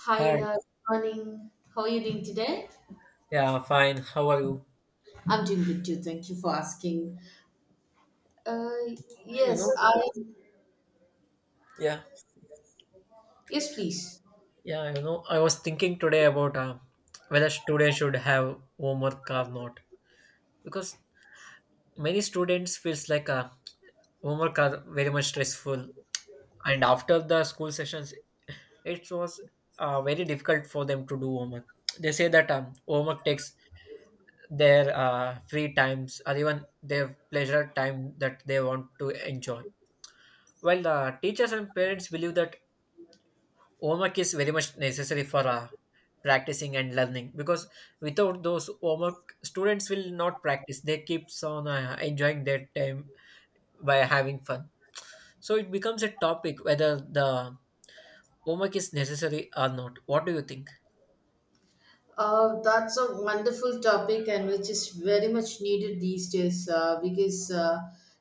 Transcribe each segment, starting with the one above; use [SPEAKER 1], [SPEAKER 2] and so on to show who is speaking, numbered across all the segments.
[SPEAKER 1] Hi,
[SPEAKER 2] Hi.
[SPEAKER 1] good morning. How are you doing today?
[SPEAKER 2] Yeah, fine. How are you?
[SPEAKER 1] I'm doing good too. Thank you for asking. Uh,
[SPEAKER 2] You
[SPEAKER 1] yes,
[SPEAKER 2] know,
[SPEAKER 1] I.
[SPEAKER 2] yeah,
[SPEAKER 1] Yes, please.
[SPEAKER 2] yeah, you know, I was thinking today about whether students should have homework or not because many students feels like homework are very much stressful, and after the school sessions it was very difficult for them to do homework. They say that homework takes their free times or even their pleasure time that they want to enjoy. While the teachers and parents believe that homework is very much necessary for practicing and learning, because without those homework students will not practice, they keeps on enjoying their time by having fun. So it becomes a topic, whether the homework is necessary or not. What do you think?
[SPEAKER 1] That's a wonderful topic and which is very much needed these days because,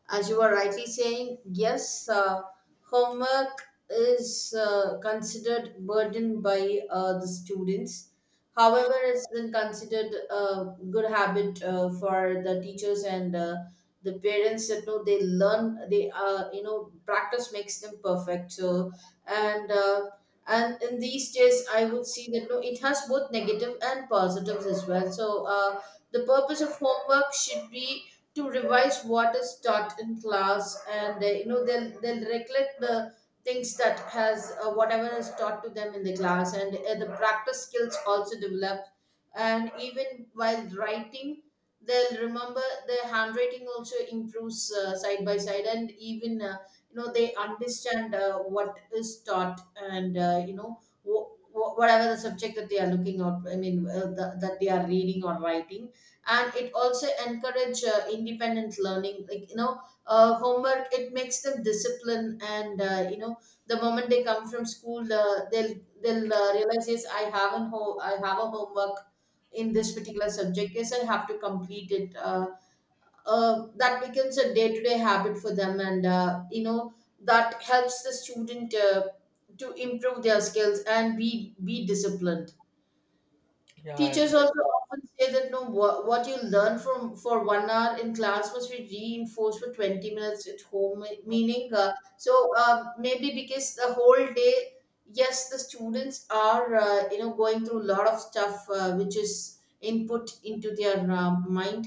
[SPEAKER 1] as you were rightly saying, yes, homework is considered burden by the students. However, it's been considered a good habit for the teachers and the parents that know they learn they you know practice makes them perfect. So and uh, and in these days I would see that no, it has both negative and positives as well, so the purpose of homework should be to revise what is taught in class, and you know they'll recollect the things that has whatever is taught to them in the class, and the practice skills also developed. And even while writing, they'll remember, their handwriting also improves side by side, and even you know they understand what is taught, and whatever the subject that they are looking out, I mean that they are reading or writing. And it also encourage independent learning, like you know, homework, it makes them discipline. And you know, the moment they come from school, they'll realize, yes, I have an I have a homework in this particular subject. Yes, I have to complete it. That becomes a day-to-day habit for them, and you know, that helps the student to improve their skills and be disciplined.
[SPEAKER 2] Yeah,
[SPEAKER 1] Teachers also often say that no, what you learn from for 1 hour in class must be reinforced for 20 minutes at home. Meaning, maybe because the whole day, yes, the students are you know going through a lot of stuff which is input into their mind.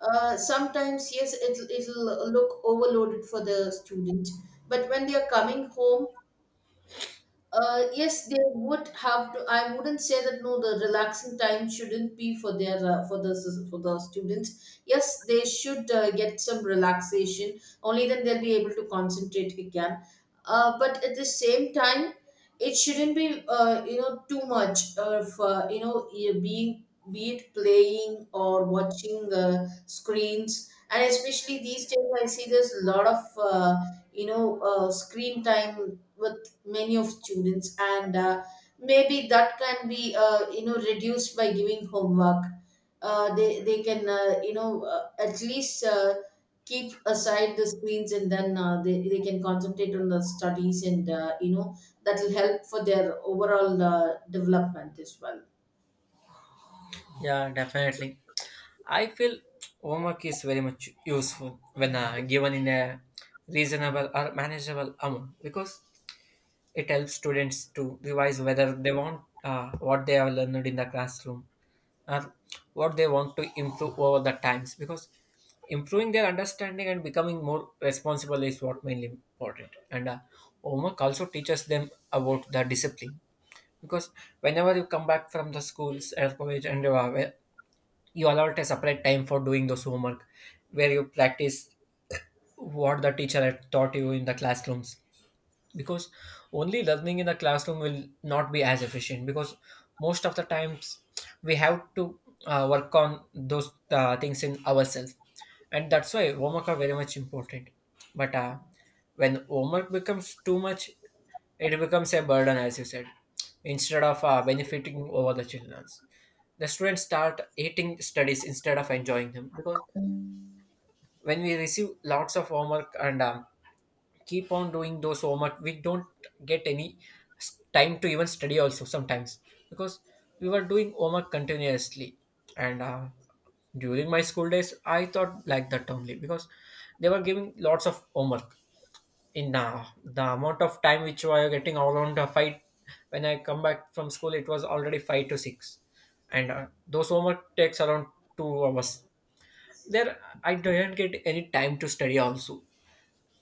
[SPEAKER 1] Sometimes yes, it'll look overloaded for the student, but when they are coming home, yes, they would have to. I wouldn't say that no, the relaxing time shouldn't be for their for the students. Yes, they should get some relaxation. Only then they'll be able to concentrate again. But at the same time, it shouldn't be you know too much of being, be it playing or watching screens. And especially these days, I see there's a lot of screen time with many of students, and maybe that can be you know reduced by giving homework. They can at least keep aside the screens, and then they can concentrate on the studies, and you know that will help for their overall development as well.
[SPEAKER 2] yeah, definitely. I feel homework is very much useful when given in a reasonable or manageable amount, because it helps students to revise whether they want what they have learned in the classroom, uh, what they want to improve over the times, because improving their understanding and becoming more responsible is what mainly important. And homework also teaches them about the discipline, because whenever you come back from the schools or college and you allot a separate time for doing those homework, where you practice what the teacher had taught you in the classrooms, because only learning in the classroom will not be as efficient, because most of the times we have to work on those things in ourselves, and that's why homework are very much important. But when homework becomes too much, it becomes a burden, as you said. Instead of benefiting over the children, the students start hating studies instead of enjoying them, because when we receive lots of homework and keep on doing those so much, we don't get any time to even study also sometimes, because we were doing homework continuously. And during my school days I thought like that only, because they were giving lots of homework in the amount of time which we were getting around a fight. When I come back from school, it was already five to six, and those homework takes around 2 hours. There I didn't get any time to study also.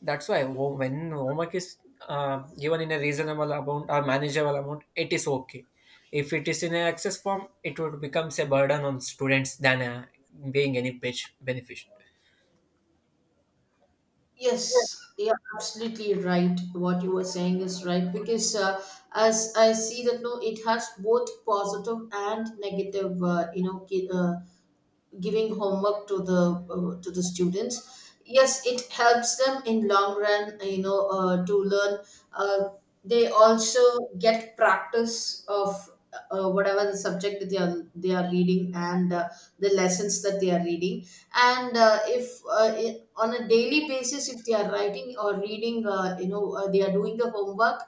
[SPEAKER 2] When homework is given in a reasonable amount or manageable amount, it is okay. If it is in an access form, it would becomes a burden on students than being beneficial.
[SPEAKER 1] Yes, you are absolutely right. What you were saying is right, because as I see that no, it has both positive and negative, giving homework to the students, yes, it helps them in long run, you know, to learn. uh, they also get practice of whatever the subject that they are reading, and the lessons that they are reading. And if I- on a daily basis, if they are writing or reading, they are doing the homework,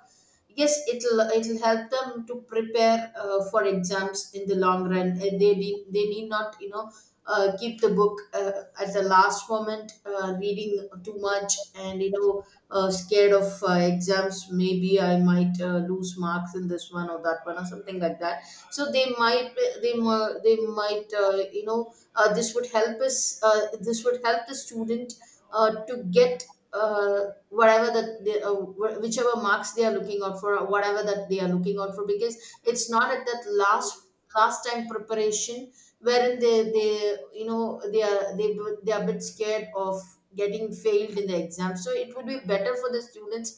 [SPEAKER 1] yes it'll help them to prepare for exams in the long run, and they need not, you know, keep the book at the last moment, reading too much, and you know, scared of exams. Maybe I might lose marks in this one or that one or something like that. So they might, they might, they might, you know, this would help us. This would help the student to get. Whatever that they, whichever marks they are looking out for, or whatever that they are looking out for, because it's not at that last time preparation wherein they they are a bit scared of getting failed in the exam. So it would be better for the students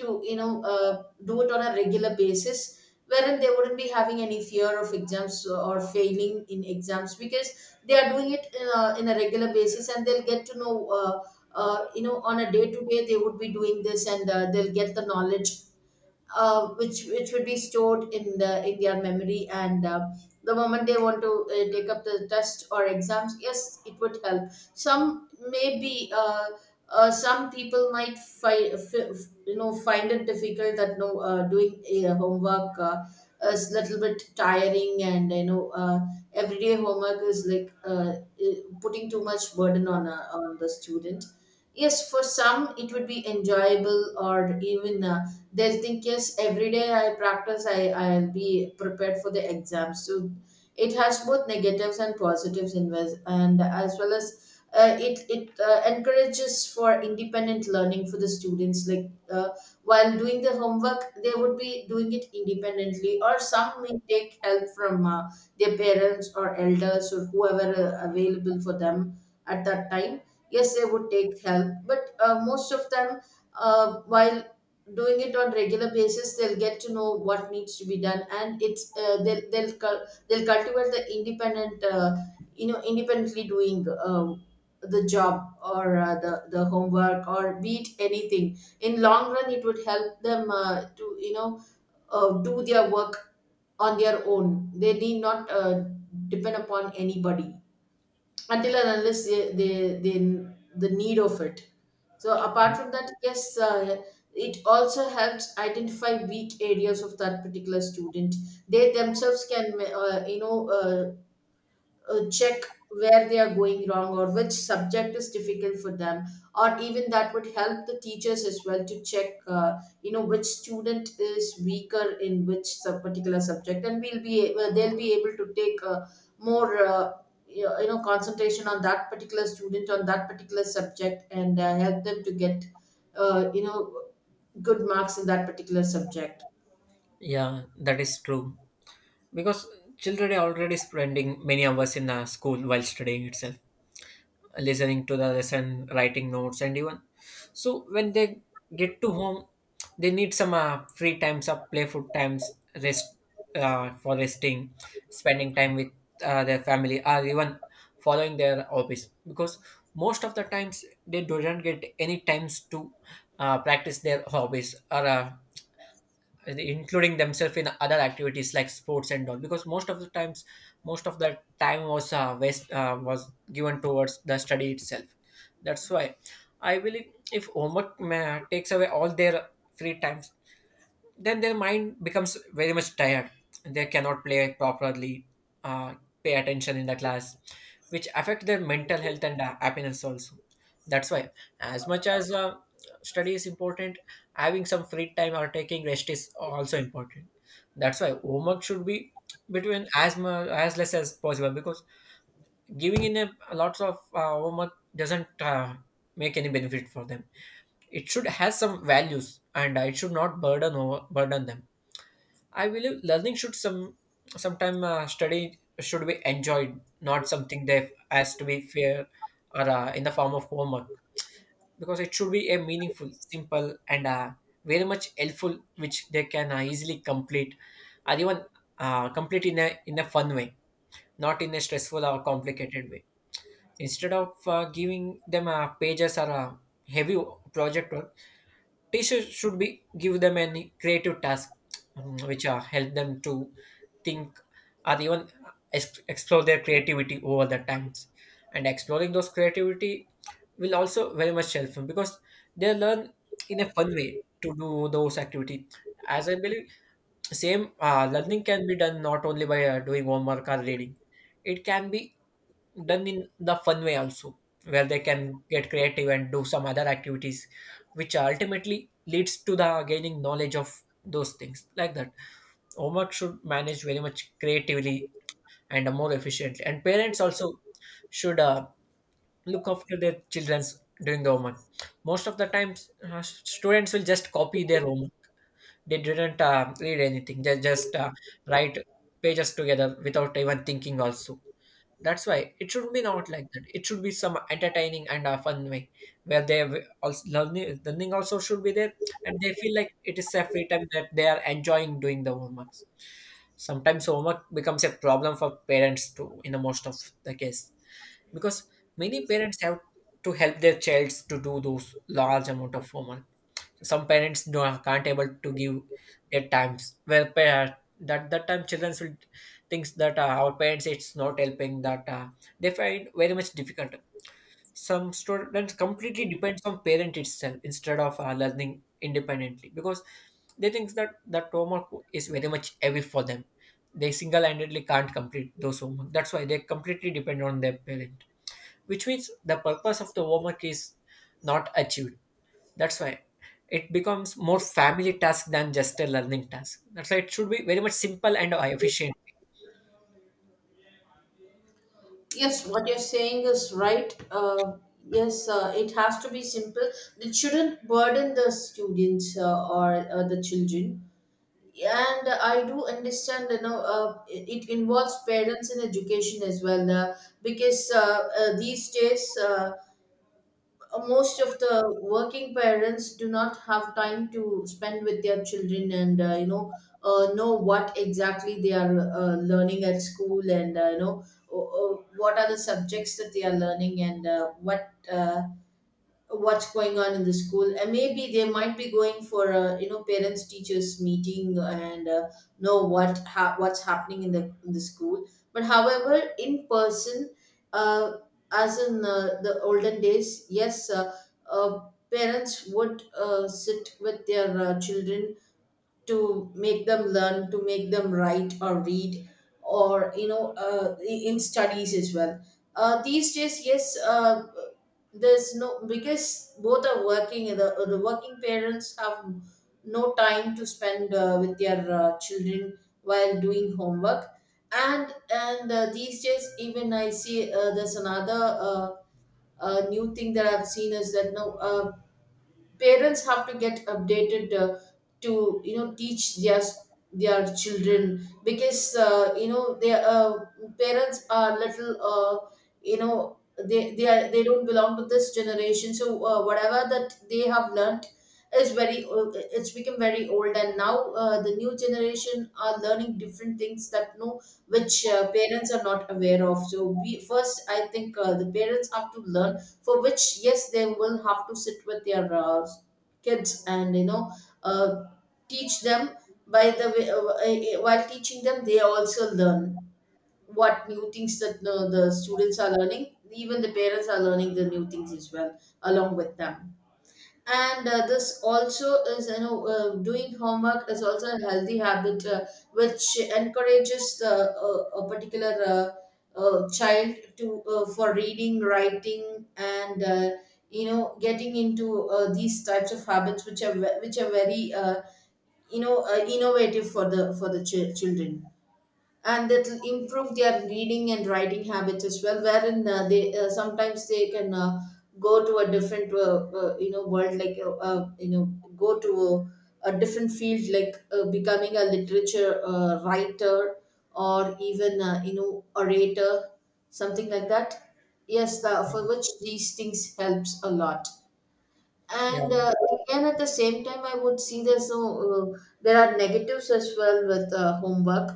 [SPEAKER 1] to, you know, do it on a regular basis, wherein they wouldn't be having any fear of exams or failing in exams because they are doing it in a regular basis, and they'll get to know you know, on a day to day they would be doing this, and they'll get the knowledge which would be stored in the in their memory. And the moment they want to take up the test or exams, yes it would help. Some maybe some people might you know find it difficult that no, doing homework is little bit tiring, and you know, everyday homework is like uh, putting too much burden on on the student. Yes, for some it would be enjoyable, or even they'll think yes, every day I practice, I'll be prepared for the exams. So it has both negatives and positives in. And as well as it encourages for independent learning for the students, like while doing the homework they would be doing it independently, or some may take help from their parents or elders or whoever available for them at that time. Yes, they would take help, but most of them, while doing it on regular basis, they'll get to know what needs to be done, and it's they'll cultivate the independent you know, independently doing the job, or the homework, or be it anything in long run it would help them to, you know, do their work on their own. They need not depend upon anybody, until and unless they, they the need of it. So apart from that, yes, it also helps identify weak areas of that particular student. They themselves can, check where they are going wrong, or which subject is difficult for them, or even that would help the teachers as well to check, you know, which student is weaker in which particular subject, and they'll be able to take more concentration on that particular student on that particular subject, and help them to get you know, good marks in that particular subject.
[SPEAKER 2] Yeah, that is true. Because children are already spending many hours in school while studying itself, listening to the lesson, writing notes, and even so, when they get to home, they need some free times of playful times, rest, for resting, spending time with their family, or even following their hobbies, because most of the times they don't get any times to practice their hobbies, or and including themselves in other activities like sports and all, because most of the times most of the time was was given towards the study itself. That's why I believe if takes away all their free times, then their mind becomes very much tired, they cannot play properly, uh, pay attention in the class, which affect their mental health and happiness also. That's why, as much as study is important, having some free time or taking rest is also important. That's why homework should be between as much as less as possible, because giving in a lots of homework doesn't make any benefit for them. It should have some values, and it should not burden over burden them. I believe learning should some sometime study should be enjoyed, not something that has to be fair or in the form of homework. Because it should be a meaningful, simple, and very much helpful, which they can easily complete, or even complete in a fun way, not in a stressful or complicated way. Instead of giving them pages or heavy project work, teachers should be give them any creative task, which are help them to think, or even explore their creativity over the times. And exploring those creativity will also very much help them, because they learn in a fun way to do those activity. As I believe, same learning can be done not only by doing homework or reading, it can be done in the fun way also, where they can get creative and do some other activities, which ultimately leads to the gaining knowledge of those things. Like that, homework should manage very much creatively and more efficiently, and parents also should look after their children's during the homework. Most of the times students will just copy their homework, they didn't read anything, they just write pages together without even thinking also. That's why it should be not like that. It should be some entertaining and a fun way, where they have also learning, learning also should be there, and they feel like it is a free time that they are enjoying doing the homeworks. Sometimes homework becomes a problem for parents too, in the most of the case, because many parents have to help their childs to do those large amount of homework. Some parents don't, can't able to give their times well that that time children will thinks that our parents it's not helping, that they find very much difficult. Some students completely depends on parent itself instead of learning independently, because they think that that homework is very much heavy for them, they single-handedly can't complete those homework. That's why they completely depend on their parent, which means the purpose of the homework is not achieved. That's why it becomes more family task than just a learning task. That's why it should be very much simple and efficient.
[SPEAKER 1] Yes, what you're saying is right. Yes, it has to be simple. It shouldn't burden the students or the children. And I do understand, you know, it involves parents in education as well, because these days. Most of the working parents do not have time to spend with their children, and you know, know what exactly they are learning at school, and what are the subjects that they are learning, and what what's going on in the school, and maybe they might be going for a, you know, parents teachers meeting, and know what what's happening in the school. But however in person, uh, as in the olden days, yes, uh, parents would sit with their children to make them learn, to make them write or read, or you know, in studies as well. These days yes, there's no, because both are working, the working parents have no time to spend with their children while doing homework. And these days even I see there's another uh, new thing that I've seen is that now parents have to get updated to, you know, teach their children, because you know, their parents are little, you know, they don't belong to this generation. So whatever that they have learnt is very old, it's become very old, and now the new generation are learning different things that no, which parents are not aware of. So we first, I think the parents have to learn, for which yes, they will have to sit with their kids, and you know, uh, teach them. By the way while teaching them they also learn what new things that the students are learning, even the parents are learning the new things as well along with them. And this also is, you know, doing homework is also a healthy habit, which encourages the a particular child to, for reading writing and you know getting into these types of habits which which are very, innovative for the children, and that will improve their reading and writing habits as well, wherein they, sometimes they can go to a different, world, like go to a different field, like becoming a literature writer, or even orator, something like that. Yes, the, for which these things helps a lot.
[SPEAKER 2] Yeah,
[SPEAKER 1] And again, at the same time, I would see there's no there are negatives as well with homework.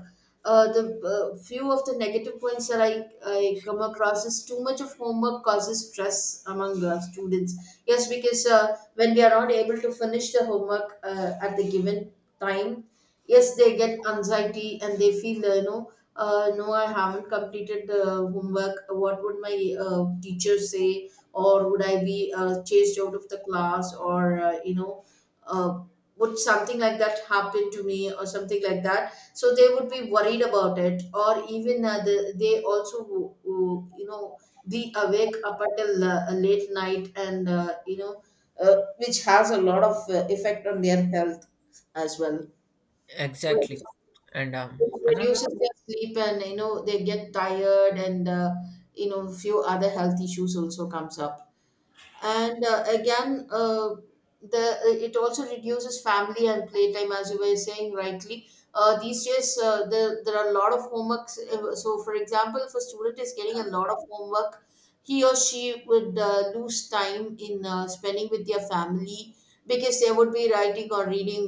[SPEAKER 1] The few of the negative points that I come across is, too much of homework causes stress among students. Yes, because when we are not able to finish the homework at the given time, yes, they get anxiety, and they feel, no, I haven't completed the homework, what would my teacher say? Or would I be chased out of the class, or uh, would something like that happen to me, or something like that? So they would be worried about it, or even the, they also be awake up until a late night, and which has a lot of effect on their health as well, which,
[SPEAKER 2] exactly. And
[SPEAKER 1] which
[SPEAKER 2] another,
[SPEAKER 1] reduces their sleep, and they get tired, and few other health issues also comes up. And again, the, it also reduces family and playtime, as you were saying rightly. These days, there are a lot of homeworks. So for example, if a student is getting a lot of homework, he or she would lose time in spending with their family, because they would be writing or reading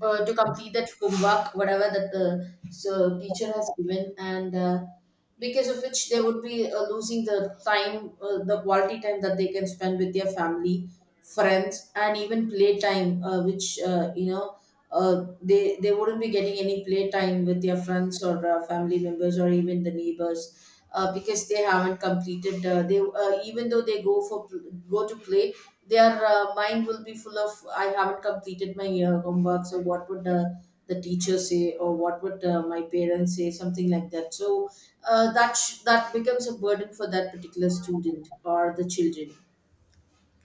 [SPEAKER 1] to complete that homework, whatever that the so teacher has given. And because of which they would be losing the time, the quality time that they can spend with their family, friends, and even play time, which, they wouldn't be getting any playtime with their friends, or family members, or even the neighbors, because they haven't completed. They, even though they go for go to play, their mind will be full of, I haven't completed my homework, so what would the teacher say, or what would my parents say? Something like that. So that that becomes a burden for that particular student or the children.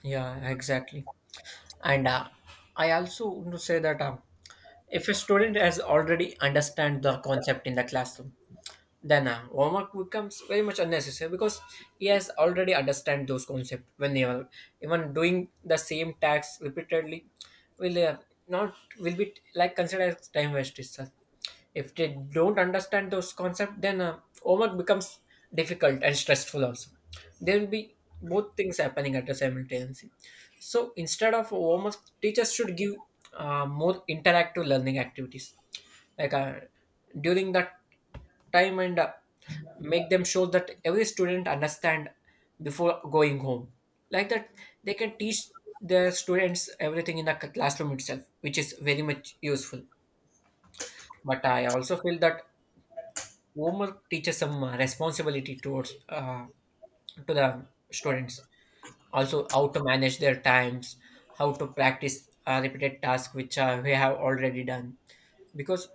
[SPEAKER 2] yeah, exactly. And I also want to say that if a student has already understand the concept in the classroom, then homework becomes very much unnecessary, because he has already understand those concepts. When they are even doing the same tax repeatedly, will not, will be like considered as time waste itself. If they don't understand those concepts, then homework becomes difficult and stressful also. There will be both things happening at the simultaneously. So instead of homework, teachers should give more interactive learning activities. Like during that time, and make them show that every student understand before going home. Like that, they can teach their students everything in the classroom itself, which is very much useful. But I also feel that homework teaches some responsibility towards to the students, also how to manage their times, how to practice repeated tasks which we have already done, because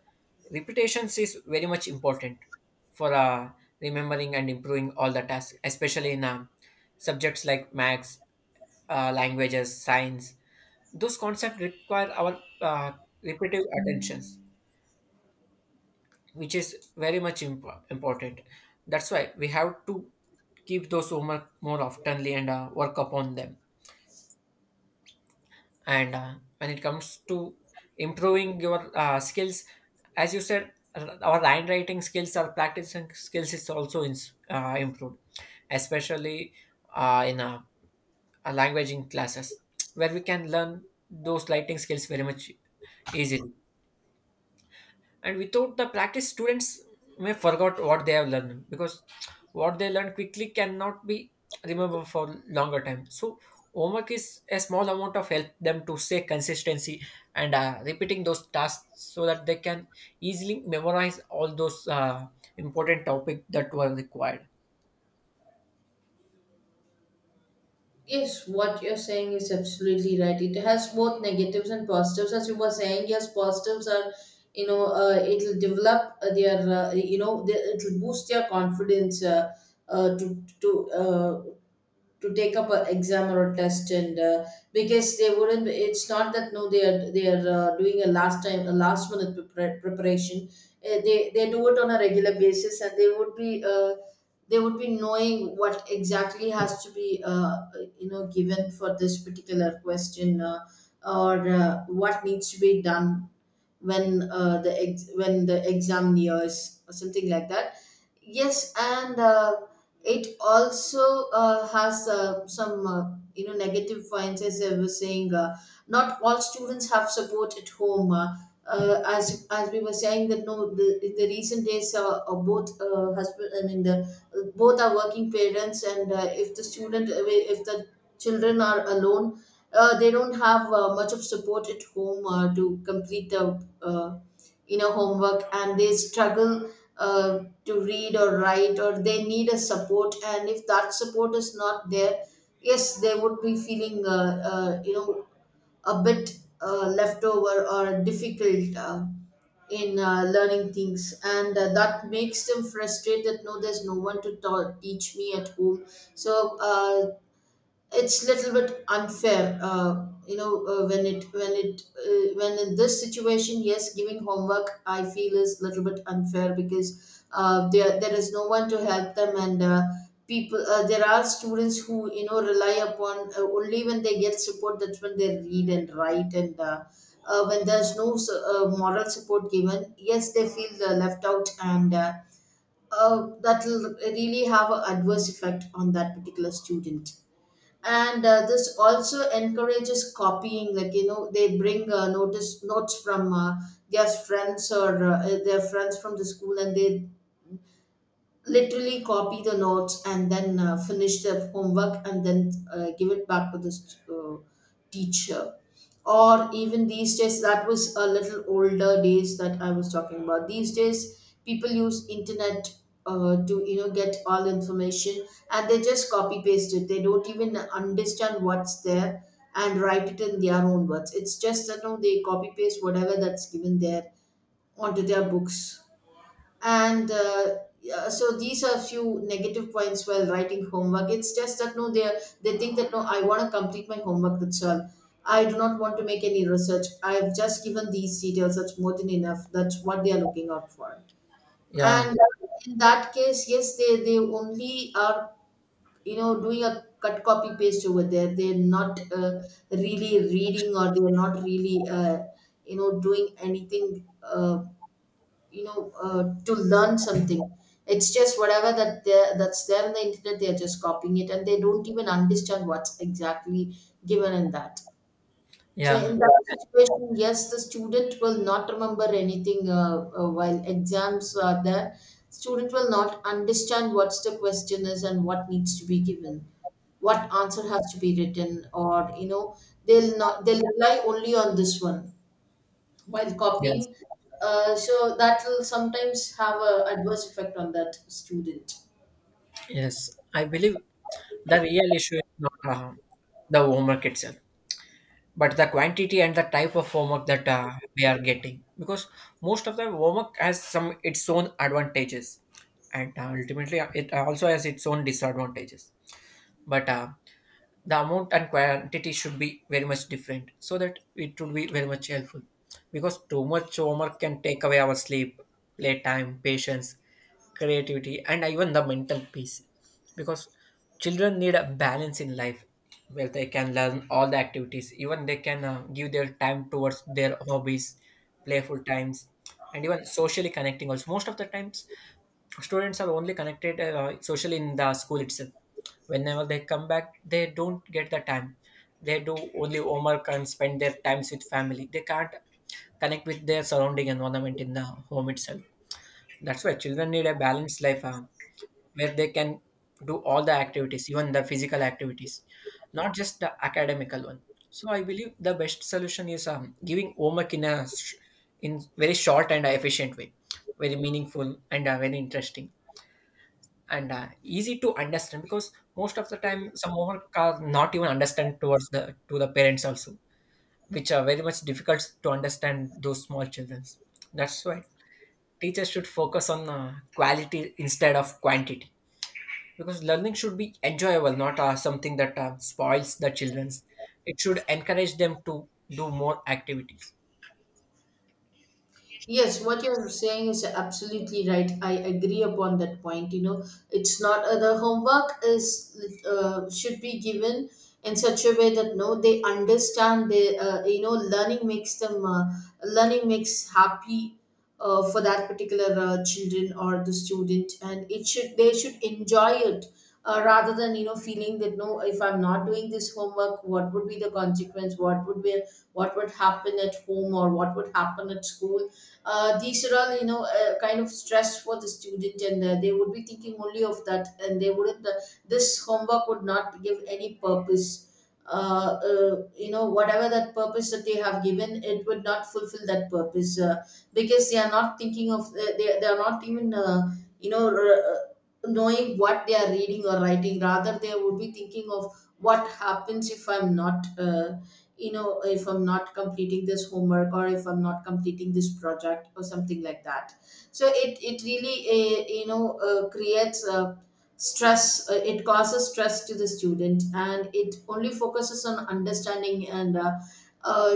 [SPEAKER 2] repetitions is very much important for remembering and improving all the tasks, especially in subjects like maths, languages, science. Those concepts require our repetitive attentions, which is very much important. That's why we have to keep those homework more oftenly and work upon them. And when it comes to improving your skills, as you said, our handwriting skills, our practicing skills is also in, improved, especially in languaging classes, where we can learn those writing skills very much easily. And without the practice, students may forget what they have learned, because what they learn quickly cannot be remembered for longer time. So homework is a small amount of help them to say consistency, and repeating those tasks, so that they can easily memorize all those important topic that were required.
[SPEAKER 1] Yes, what you're saying is absolutely right. It has both negatives and positives. As you were saying, yes, positives are, it'll develop their, the, it'll boost their confidence, uh, to to uh, to take up an exam or a test. And because they wouldn't, it's not that no, they are doing a last time, a last minute preparation. They do it on a regular basis, and they would be knowing what exactly has to be given for this particular question, or what needs to be done when the when the exam nears, or something like that. Yes, and it also has some negative points, as I was saying. Not all students have support at home. As we were saying that no, the, in the recent days, both, husband, I mean, the both are working parents. And if the student, if the children are alone, they don't have much of support at home to complete the inner homework, and they struggle uh, to read or write, or they need a support, and if that support is not there, yes, they would be feeling a bit left over, or difficult in learning things. And that makes them frustrated, no, there's no one to teach me at home. So it's little bit unfair, when it, when it, when in this situation, yes, giving homework, I feel, is little bit unfair, because there is no one to help them. And people, there are students who rely upon only when they get support, that's when they read and write. And when there's no moral support given, yes, they feel left out. And that will really have an adverse effect on that particular student. And this also encourages copying, like they bring notice notes from their friends, or their friends from the school, and they literally copy the notes, and then finish the homework, and then give it back to the teacher. Or even these days, that was a little older days that I was talking about, these days people use internet to get all information, and they just copy paste it, they don't even understand what's there, and write it in their own words. It's just that no, they copy paste whatever that's given there onto their books. And yeah, so these are few negative points while writing homework. It's just that no, they, they think that no, I want to complete my homework, that's all, I do not want to make any research, I've just given these details, that's more than enough, that's what they are looking out for.
[SPEAKER 2] Yeah,
[SPEAKER 1] And in that case, yes, they only are doing a cut copy paste over there, they're not really reading, or they're not really doing anything, to learn something. It's just whatever that there, that's there on the internet, they're just copying it, and they don't even understand what's exactly given in that. So
[SPEAKER 2] yeah,
[SPEAKER 1] in that situation, yes, the student will not remember anything. While exams are there, student will not understand what's the question is, and what needs to be given, what answer has to be written, or they'll not, they'll rely only on this one while
[SPEAKER 2] yes,
[SPEAKER 1] copying. So that will sometimes have a adverse effect on that student.
[SPEAKER 2] yes. I believe the real issue is not the homework itself, but the quantity and the type of homework that we are getting, because most of the homework has some its own advantages, and ultimately it also has its own disadvantages. But the amount and quantity should be very much different, so that it would be very much helpful, because too much homework can take away our sleep, playtime, patience, creativity, and even the mental peace, because children need a balance in life where they can learn all the activities, even they can give their time towards their hobbies, playful times, and even socially connecting also. Most of the times, students are only connected socially in the school itself. Whenever they come back, they don't get the time, they do only homework and spend their times with family, they can't connect with their surrounding environment in the home itself. That's why children need a balanced life, where they can do all the activities, even the physical activities, not just the academical one. So I believe the best solution is giving homework in a in very short and efficient way, very meaningful and very interesting, and easy to understand, because most of the time some homework are not even understand towards the to the parents also, which are very much difficult to understand those small children. That's why teachers should focus on quality instead of quantity, because learning should be enjoyable, not something that spoils the children's. It should encourage them to do more activities.
[SPEAKER 1] Yes, what you're saying is absolutely right. I agree upon that point. You know, it's not, the homework is should be given in such a way that no, they understand. They, learning makes them learning makes happy for that particular children or the student, and it should, they should enjoy it. Rather than feeling that no, if I'm not doing this homework, what would be the consequence, what would be, what would happen at home, or what would happen at school? These are all kind of stress for the student. And they would be thinking only of that, and they wouldn't this homework would not give any purpose. Whatever that purpose that they have given, it would not fulfill that purpose, because they are not thinking of, they, they are not even you know r- uh, knowing what they are reading or writing, rather they would be thinking of, what happens if I'm not if I'm not completing this homework, or if I'm not completing this project, or something like that. So it really creates stress, it causes stress to the student. And it only focuses on understanding, and uh,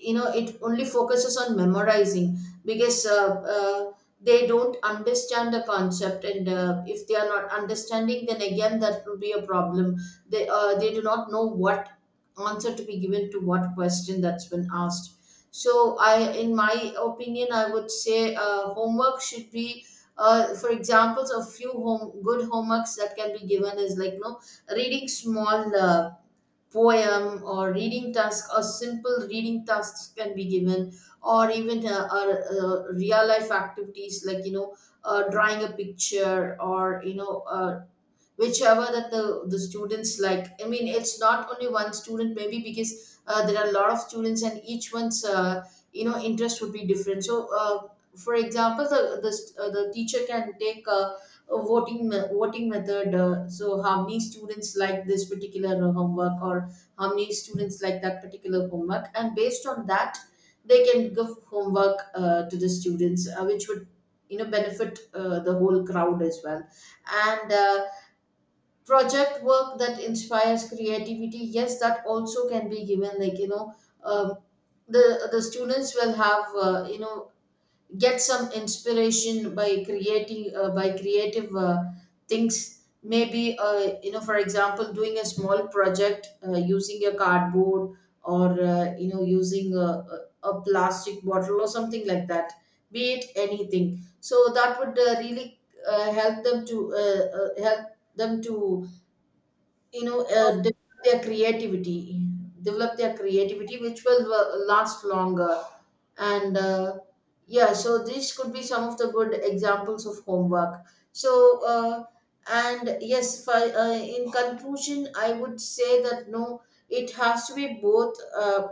[SPEAKER 1] it only focuses on memorizing, because they don't understand the concept. And if they are not understanding, then again that will be a problem, they do not know what answer to be given to what question that's been asked. So I in my opinion, I would say homework should be for examples, a few home good homeworks that can be given is like reading small poem, or reading task, or simple reading tasks can be given. Or even real life activities, like drawing a picture, or whichever that the students like. I mean, it's not only one student, maybe because there are a lot of students, and each one's interest would be different. So for example, the, the teacher can take a voting voting method, so how many students like this particular homework, or how many students like that particular homework, and based on that they can give homework to the students, which would benefit the whole crowd As well. And project work that inspires creativity, yes, that also can be given, um, the students will have, get some inspiration by creating by creative things. Maybe for example, doing a small project using a cardboard, or using a a plastic bottle or something like that, be it anything. So that would really help them to develop their creativity, which will last longer. And yeah, so these could be some of the good examples of homework. So uh, and yes, in conclusion, I would say that no, it has to be both. uh,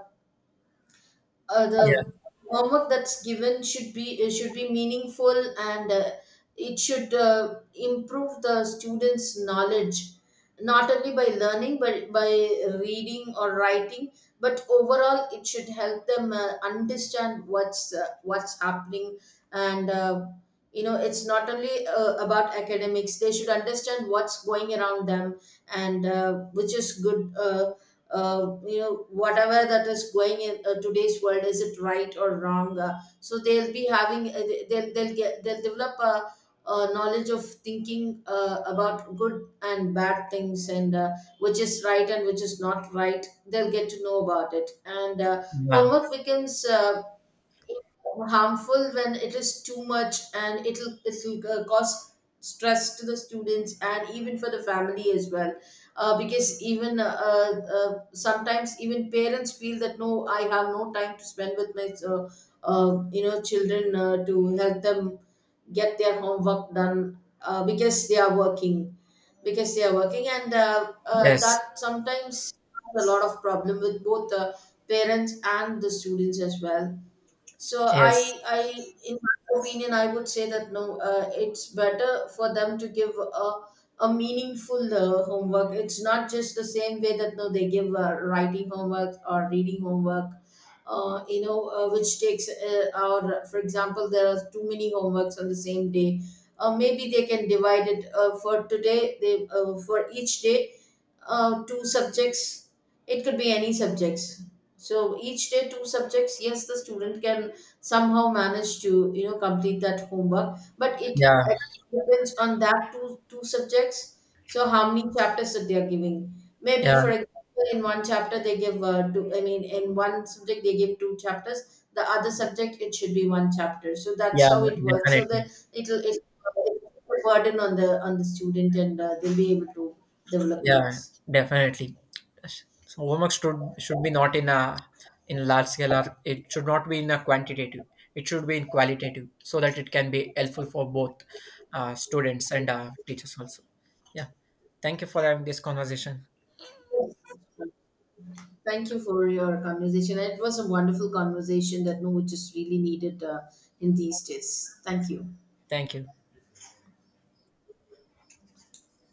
[SPEAKER 1] uh,
[SPEAKER 2] Yeah,
[SPEAKER 1] the homework that's given should be, should be meaningful, and it should improve the student's knowledge, not only by learning but by reading or writing. But overall, it should help them understand what's happening. And you know It's not only about academics. They should understand what's going around them, and which is good. Whatever that is going in today's world, is it right or wrong? So they'll be having, they'll develop a knowledge of thinking about good and bad things, and which is right and which is not right. They'll get to know about it. And
[SPEAKER 2] yeah.
[SPEAKER 1] Homework becomes harmful when it is too much, and it'll cause stress to the students and even for the family as well. Uh, because even uh, uh, uh, sometimes even parents feel that, no, I have no time to spend with my, children, to help them get their homework done, because they are working, and
[SPEAKER 2] Yes,
[SPEAKER 1] that sometimes has a lot of problem with both the parents and the students as well. so
[SPEAKER 2] yes.
[SPEAKER 1] I, I, in my opinion, I would say that no, it's better for them to give a meaningful homework. It's not just the same way that no, they give writing homework or reading homework. Which takes for example, there are too many homeworks on the same day. Maybe they can divide it for today. They For each day, two subjects. It could be any subjects. So each day, two subjects. Yes, the student can somehow manage to complete that homework, but it
[SPEAKER 2] Yeah,
[SPEAKER 1] it depends on that two subjects. So how many chapters that they are giving? Maybe
[SPEAKER 2] yeah.
[SPEAKER 1] for example, in one chapter they give two I mean in one subject they give two chapters, the other subject it should be one chapter. So
[SPEAKER 2] Yeah,
[SPEAKER 1] that's how it works, so that
[SPEAKER 2] definitely.
[SPEAKER 1] it'll it burden on the student, and they'll be able to develop
[SPEAKER 2] Yeah,
[SPEAKER 1] things.
[SPEAKER 2] definitely. So homework should be not in a in large scale, or it should not be in a quantitative. It should be in qualitative, so that it can be helpful for both students and teachers also. Yeah. Thank you for having this conversation.
[SPEAKER 1] Yes. Thank you for your conversation. It was a wonderful conversation that no, which is really needed in these days. Thank you.
[SPEAKER 2] Thank you.